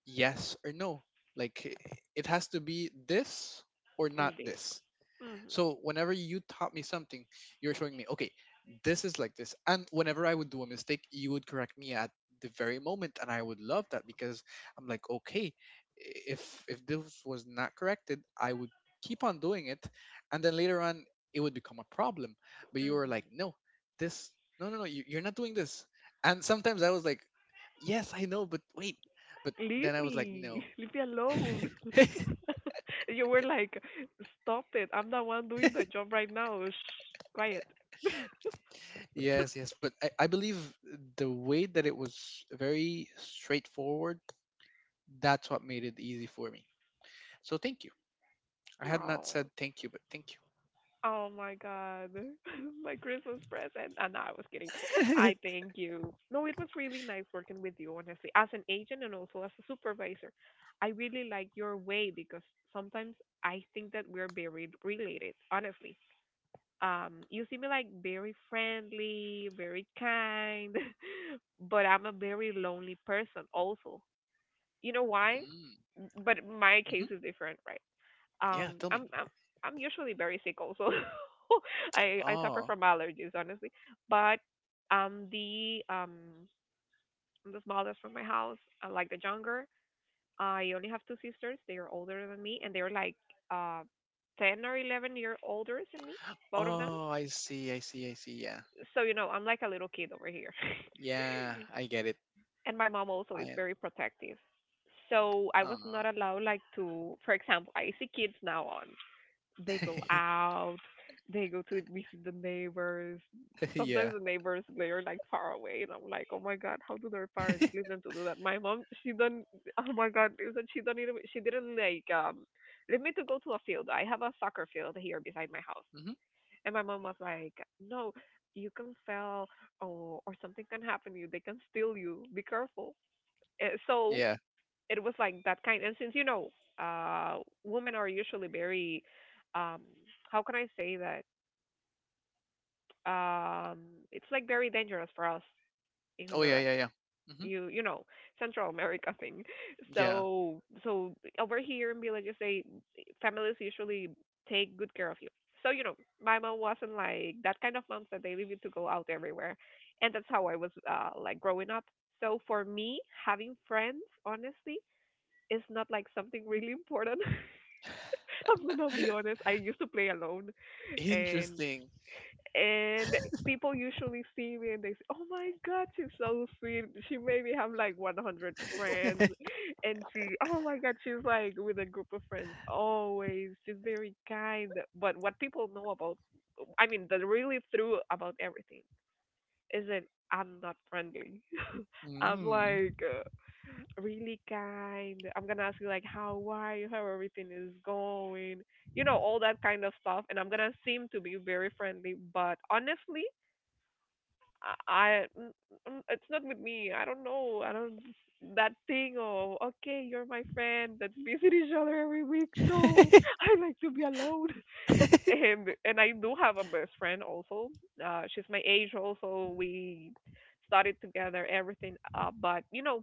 yes or no. Like, it has to be this or Or not this. this. Hmm. So whenever you taught me something, you're showing me, okay, this is like this. And whenever I would do a mistake, you would correct me at the very moment, and I would love that because I'm like, okay, if this was not corrected, I would keep on doing it, and then later on it would become a problem. But you were like, Hmm. no, this, no, no, no, you're not doing this. And sometimes I was like, yes, I know, but wait, but Leave then I was like, me. no. (laughs) Leave me alone. (laughs) (laughs) And you were like, stop it. I'm the one doing the job right now. Shh, quiet. Yes, yes, but I believe the way that it was very straightforward, that's what made it easy for me. So thank you. I had not Oh. said thank you, but thank Oh my god. (laughs) My Christmas present. No, I was kidding. you. I (laughs) thank you. No, it was really nice working with you, honestly, as an agent and also as a supervisor. I really like your way because sometimes I think that we're very related, honestly. You see me like very friendly, very kind, (laughs) but I'm a very lonely person also. You know why? Mm, But my case hmm. is different, right? Yeah, um tell me. i'm i'm I'm usually very sick also. (laughs) I suffer Oh, from allergies, honestly, but the I'm the smallest from my house. I like the younger. I only have two sisters, they are older than me, and they're like uh 10 or 11-year older than me, both of them. oh, I see, I see, I see. Yeah, So you know, I'm like a little kid over here. yeah, I get it. (laughs) And my mom also is I am. very protective, so I was not Oh, allowed like to, for example, I see kids now on, they go out. They go to visit the neighbors. (laughs) Sometimes yeah. the neighbors they are like far away, and I'm like, oh my god, how do their (laughs) parents leave them to do that? My mom, she done. Oh my god, listen, she done. She didn't like leave me to go to a field. I have a soccer field here beside my house, Hmm. and my mom was like, no, you can fail, or something can happen to you. They can steal you. Be careful. So Yeah. it was like that kind, and since you know, uh women are usually very, um how can I say that, um it's like very dangerous for us in Oh, yeah, Honduras, yeah, yeah. Hmm. you know, Central America (laughs) thing. Yeah. So over here in villages, they, families usually take good care of you. So you know, my mom wasn't like that kind of moms that they leave you to go out everywhere, and that's how I was, like, growing up. So for me, having friends, honestly, is not like something really important. (laughs) I'm gonna be honest. (laughs) I used to play alone, and Interesting. and people usually see me and they say, "Oh my God, she's so sweet. She maybe have like 100 friends, (laughs) and she, oh my God, she's like with a group of friends always. She's very kind." But what people know about, I mean, the really true about everything is that I'm not friendly. (laughs) I'm Mm. like, really kind. I'm gonna ask you like how are you, how everything is going, you know, all that kind of stuff. And I'm gonna seem to be very friendly, but honestly, I, I- mm, it's not with me. I don't know. I don't that thing. Oh, okay, you're my friend. Let's visit each other every week. No, (laughs) (laughs) I like to be alone. (laughs) And I do have a best friend also. She's my age also. We studied together everything. But you know,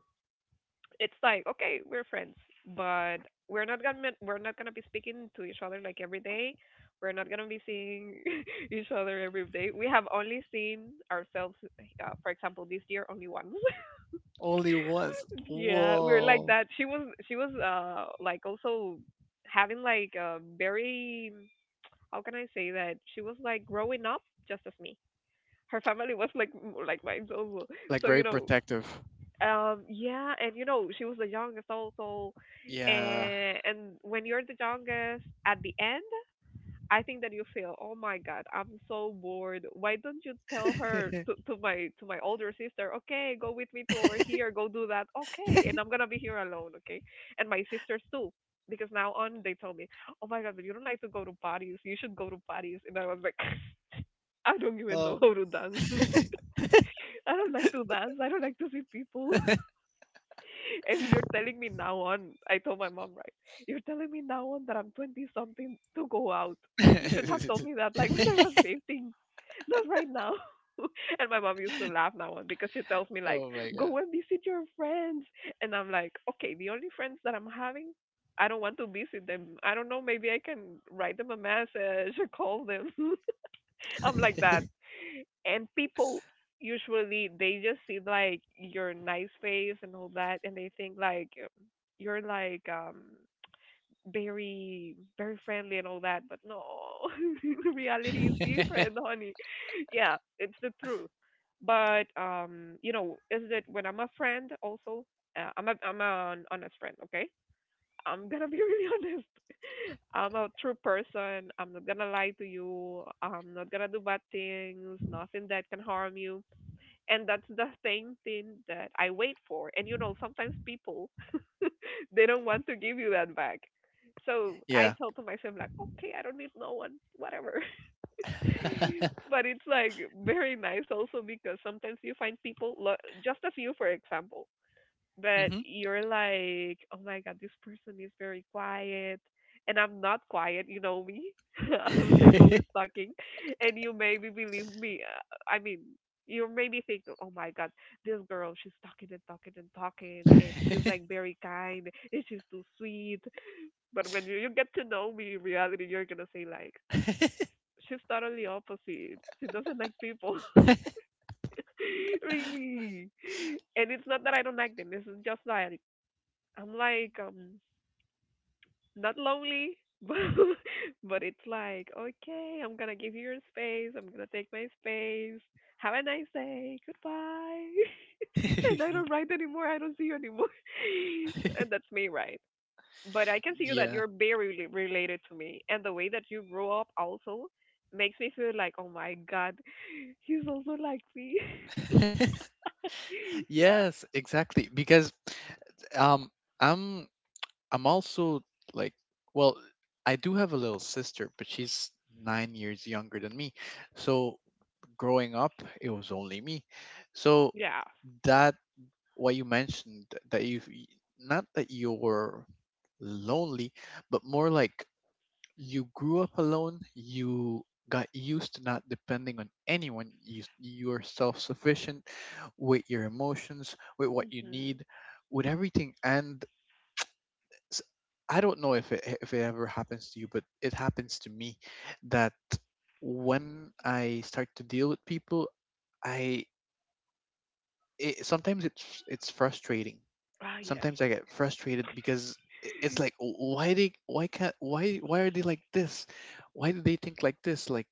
it's like okay we're friends, but we're not gonna be speaking to each other like every day, we're not gonna be seeing (laughs) each other every day. We have only seen ourselves, for example, this year only once. Only once. (laughs) Yeah, we're like Whoa. that. She was like also having like a very, how can I say that, she was like growing up just as me. Her family was like like mine also. So, Like so, you very know, protective. Yeah, and you know, she was the youngest also. Yeah. And when you're the youngest at the end, I think that you feel, "Oh my God, I'm so bored. Why don't you tell her to (laughs) to my to my older sister, okay, go with me to over here, go do that. Okay, and I'm gonna be here alone, okay? And my sisters too." Because now on they told me, "Oh my God, but you don't like to go to parties. You should go to parties." And I was like, (laughs) "I don't even know Oh. how to dance. (laughs) I don't like to dance. I don't like to see people." And you're telling me now on, I told my mom, right? You're telling me now on that I'm 20 something to go out. You should have (laughs) told me that like when I was 15, not right now. (laughs) And my mom used to laugh now on because she tells me like, Oh my god. go and visit your friends. And I'm like, okay, the only friends that I'm having, I don't want to visit them. I don't know, maybe I can write them a message or call them. (laughs) I'm like that and people usually they just see like your nice face and all that and they think like you're like very very friendly and all that but no. (laughs) Reality is different, honey. Yeah, it's the truth. But you know is it when I'm a friend also, I'm an honest friend, okay. I'm gonna be (laughs) really honest. I'm a true person. I'm not gonna lie to you. I'm not gonna do bad things. Nothing that can harm you, and that's the same thing that I wait for. And you know, sometimes people (laughs) they don't want to give you that back. So (laughs) I Yeah. told to myself like, okay, I don't need no one, whatever. (laughs) (laughs) But it's like very nice also because sometimes you find people just as you, for example, but Hmm. you're like, oh my god, this person is very quiet, and I'm not quiet. You know me. (laughs) I'm like always talking, and you maybe believe me. I mean, you maybe think, oh my god, this girl, she's talking and talking and talking, (laughs) and she's like very kind, and she's too sweet. But when you get to know me in reality, you're gonna say like, she's totally opposite. She doesn't like people. (laughs) Really. And it's not that I don't like them. It's just that I'm like not lonely, (laughs) but it's like okay, I'm gonna give you your space. I'm gonna take my space. Have a nice day. Goodbye. (laughs) And I don't write anymore. I don't see you anymore. (laughs) And that's me, right? But I can see you that Yeah. you're very related to me, and the way that you grew up also makes me feel like, oh my god, (laughs) he's also like me. (laughs) (laughs) Yeah, Yes, exactly. Because um I'm also, like, well, I do have a little sister, but she's 9 years younger than me. So growing up it was only me. So yeah. that, what you mentioned, that you, not that you're lonely, but more like you grew up alone, you got used to not depending on anyone, you, you're self-sufficient with your emotions, with what you Mhm. need, with everything. And s- I don't know if it ever happens to you, but it happens to me that when I start to deal with people, I, it, sometimes it's frustrating. Ah, yes. Sometimes I get frustrated because it's like, "Oh, why can't, why are they like this? Why do they think like this?" Like,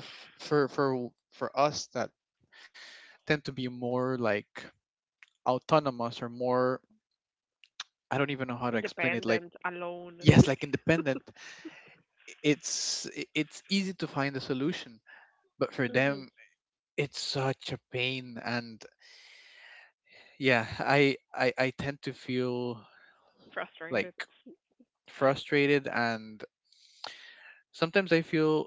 for for us that tend to be more like autonomous or more, I don't even know how to explain it, like, Independent, alone. yes, like independent, it's, it's easy to find a solution, but for (laughs) Mhm. them it's such a pain. And yeah, I tend to feel Frustrated. like frustrated. And sometimes I feel,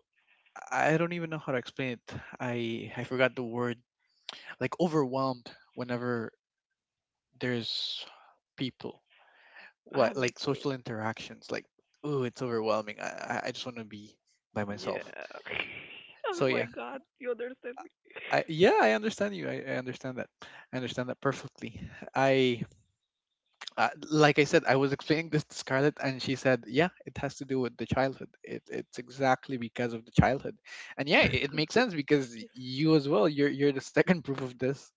I don't even know how to explain it. I forgot the word. Like overwhelmed whenever there's people. Ah, What, me like too. social interactions? Like, oh, it's overwhelming. I just want to be by Yeah. myself. (laughs) Oh So my yeah, god, you understand me. I, yeah, I understand you. I understand that. I understand that perfectly. I, like I said, I was explaining this to Scarlett, and she said, "Yeah, it has to do with the childhood. It, it's exactly because of the childhood, and yeah, it makes sense because you as well. You're the second (laughs) proof of this,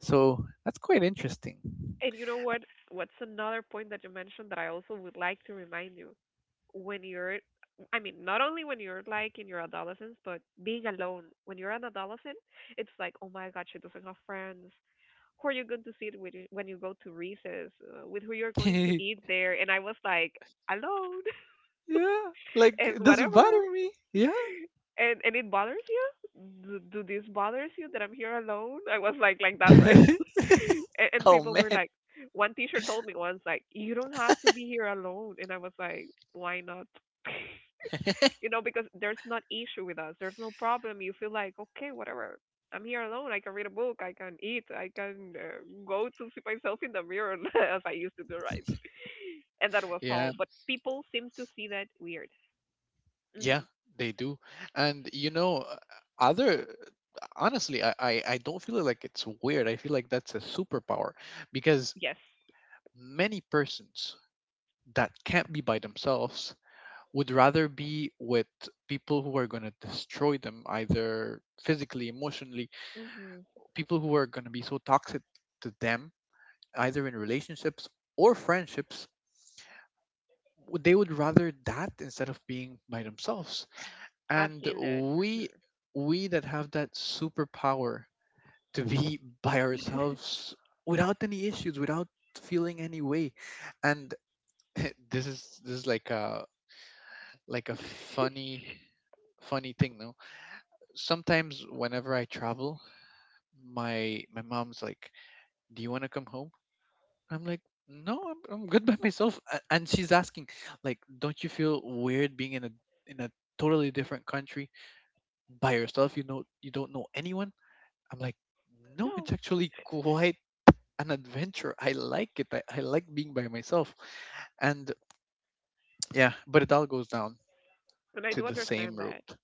so that's quite interesting." And you know what? What's another point that you mentioned that I also would like to remind you? When you're, I mean, not only when you're like in your adolescence, but being alone. When you're an adolescent, it's like, oh my god, she doesn't have friends. Who are you going to see it with when you go to recess? With who you're (laughs) going to Yeah, eat there? And I was like, alone. (laughs) like, And it doesn't whatever. bother me. Yeah. And it bothers you, do, do this bothers you that I'm here alone, I was like that, right? (laughs) (laughs) And Oh people were man. like, one teacher told me once like you don't have to be here alone, and I was like, why not? (laughs) (laughs) You know because there's not issue with us, there's no problem, you feel like okay whatever, I'm here alone, I can read a book, I can eat, I can go to see myself in the mirror (laughs) as I used to do, right? And that was all, Yeah, but people seem to see that weird. yeah, Mhm. they do. And you know, other, honestly, I I don't feel like it's weird. I feel like that's a superpower because Yes. many persons that can't be by themselves would rather be with people who are going to destroy them, either physically, emotionally, Mhm. people who are going to be so toxic to them, either in relationships or friendships, they would rather that instead of being by themselves. I've And seen that. Mhm. we we that have that superpower to be by ourselves without any issues, without feeling any way, and (laughs) this is, this is like a, like a funny funny thing. No, sometimes whenever I travel, my mom's like, do you want to come home? I'm like, no, I'm good by myself. And she's asking like, don't you feel weird being in a, in a totally different country by yourself? You know, you don't know anyone. I'm like, no, No, it's actually quite an adventure. I like it. I like being by myself. And yeah, but it all goes down and I to do the same understand that. route.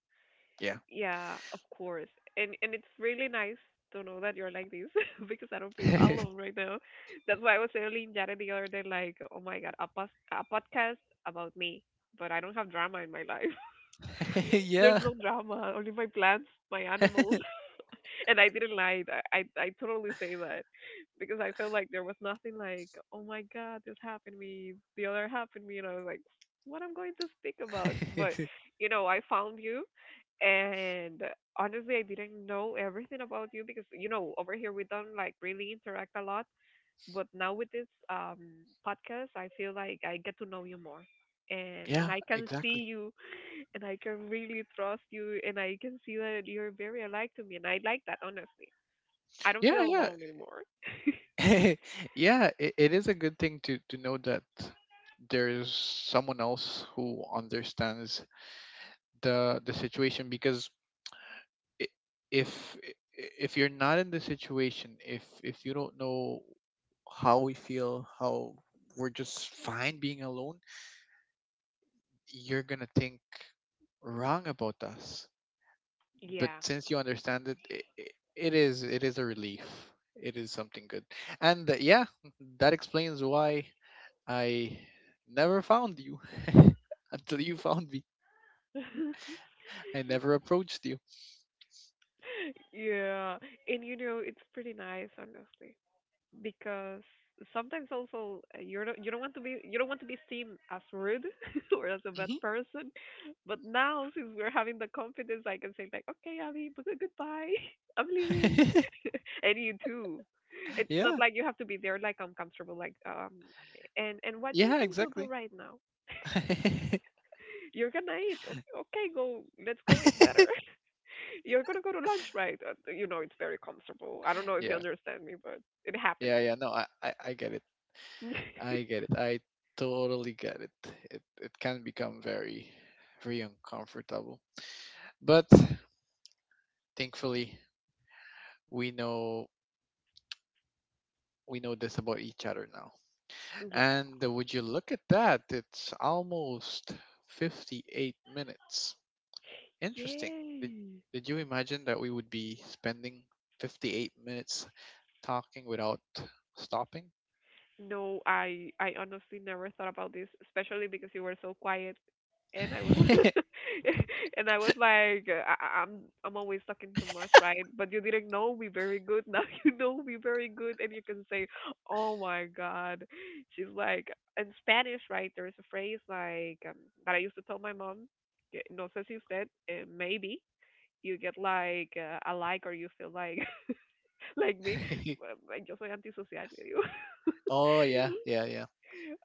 Yeah. Yeah, of course. And it's really nice to know that you're like this (laughs) because I don't feel alone (laughs) right now. That's why I was telling Jared the other day, like, oh my god, a, a podcast about me, but I don't have drama in my life. There's Yeah. no drama, only my plants, my animals. (laughs) And I didn't lie. I totally say that because I felt like there was nothing like, oh my god, this happened to me, the other happened to me, and I was like, what I'm going to speak about. But (laughs) you know, I found you, and honestly, I didn't know everything about you because you know over here we don't like really interact a lot. But now with this podcast, I feel like I get to know you more, and Yeah, I can see exactly. you and I can really trust you, and I can see that you're very alike to me, and I like that honestly. I don't Yeah, feel yeah. alone anymore. (laughs) Yeah, it is a good thing to know that there's someone else who understands the situation, because i- if if you're not in the situation, if you don't know how we feel, how we're just fine being alone, you're going to think wrong about us. But (laughs) Yeah. since you understand it, it is, it is a relief. It is something good, and yeah, that explains why I never found you (laughs) until you found me. (laughs) I never approached you. Yeah. And you know, it's pretty nice, honestly. Because sometimes also you don't want to be, you don't want to be seen as rude (laughs) or as a bad Hmm. person. But now since we're having the confidence, I can say like, okay, Ali, but goodbye, (laughs) I'm leaving, (laughs) (laughs) and you too. It's not Yeah, like you have to be there like uncomfortable like and what you're yeah, going to do exactly. right now? (laughs) You're gonna eat, okay? Go, let's go eat better. (laughs) You're gonna go to lunch, right? You know, it's very comfortable. I don't know if you Yeah, understand me, but it happened yeah, yeah. No, I get it. me. I (laughs) get it. I totally get it. It can become very very uncomfortable. But thankfully we know, we know this about each other now. Yeah. And would you look at that? It's almost 58 minutes. Interesting. Did, Yay. did you imagine that we would be spending 58 minutes talking without stopping? No, I honestly never thought about this, especially because you were so quiet and I was (laughs) and I was like I'm always talking too much, right? But you didn't know me very good. Now (laughs) you know me very good and you can say, "Oh my god." (laughs) She's like in Spanish, right? There's a phrase like that I used to tell my mom, "Que- no sé si usted, eh, maybe you get like a like or you feel like (laughs) (laughs) like me. (laughs) Bueno, yo soy antisocial, le digo. Oh yeah, (laughs) yeah, yeah,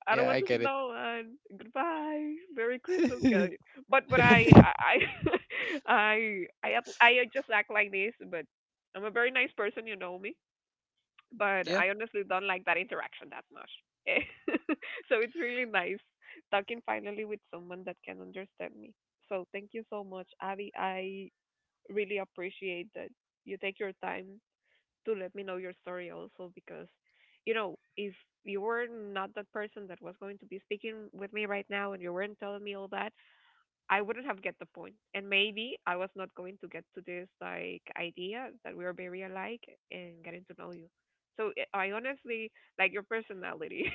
I don't yeah. want I to see get it. no one. Goodbye. Merry Christmas, guys. But (laughs) I (laughs) I I I just act like this. But I'm a very nice person, you know me. But Yeah. I honestly don't like that interaction that much. Eh. (laughs) So it's really nice talking finally with someone that can understand me. So thank you so much, Abby. I really appreciate that you take your time to let me know your story also because you know if you were not that person that was going to be speaking with me right now and you weren't telling me all that, I wouldn't have get the point, and maybe I was not going to get to this like idea that we are very alike, and getting to know you. So I honestly like your personality. (laughs)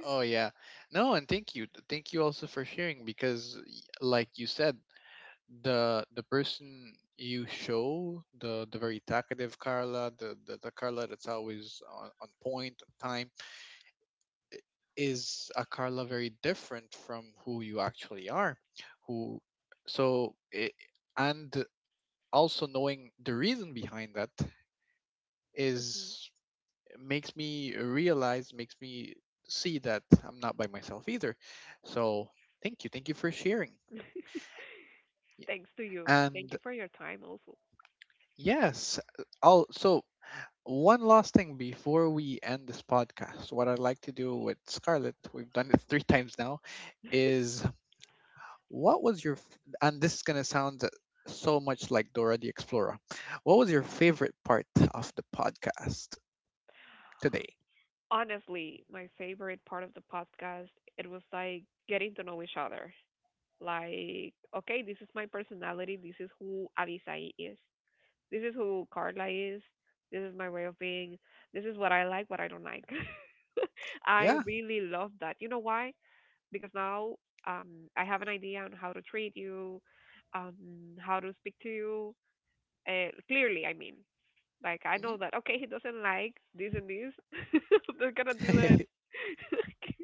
Oh yeah. No, and thank you also for sharing because, like you said, the person you show, the very talkative Carla, the Carla that's always on point, on time, is a Carla very different from who you actually are. Who, so and also knowing the reason behind that Mhm. is, makes me realize, makes me see that I'm not by myself either. So thank you for sharing. (laughs) Y- Thanks to you. Thank And you for your time also. yes, I'll so one last thing before we end this podcast, what I'd like to do with Scarlett, we've done it (laughs) three times now, is what was your and this is gonna sound so much like Dora the Explorer. What was your favorite part of the podcast today? Honestly, my favorite part of the podcast, it was like getting to know each other. Like, okay, this is my personality. This is who Avisai is. This is who Carla is. This is my way of being. This is what I like, what I don't like. (laughs) I Yeah. really love that. You know why? Because now I have an idea on how to treat you, um, how to speak to you. Clearly, I mean, like I know that okay, he doesn't like this and this. (laughs) I'm not gonna do Hmm. it. (laughs) (laughs) Okay.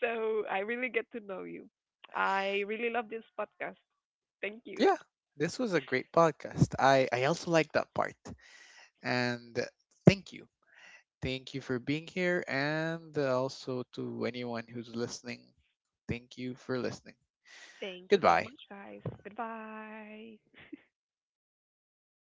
So I really get to know you. I really love this podcast. Thank you. Yeah, this was a great podcast. I also like that part. And thank you. Thank you for being here. And also to anyone who's listening, thank you for listening. Thank you so Goodbye. much, guys. Goodbye.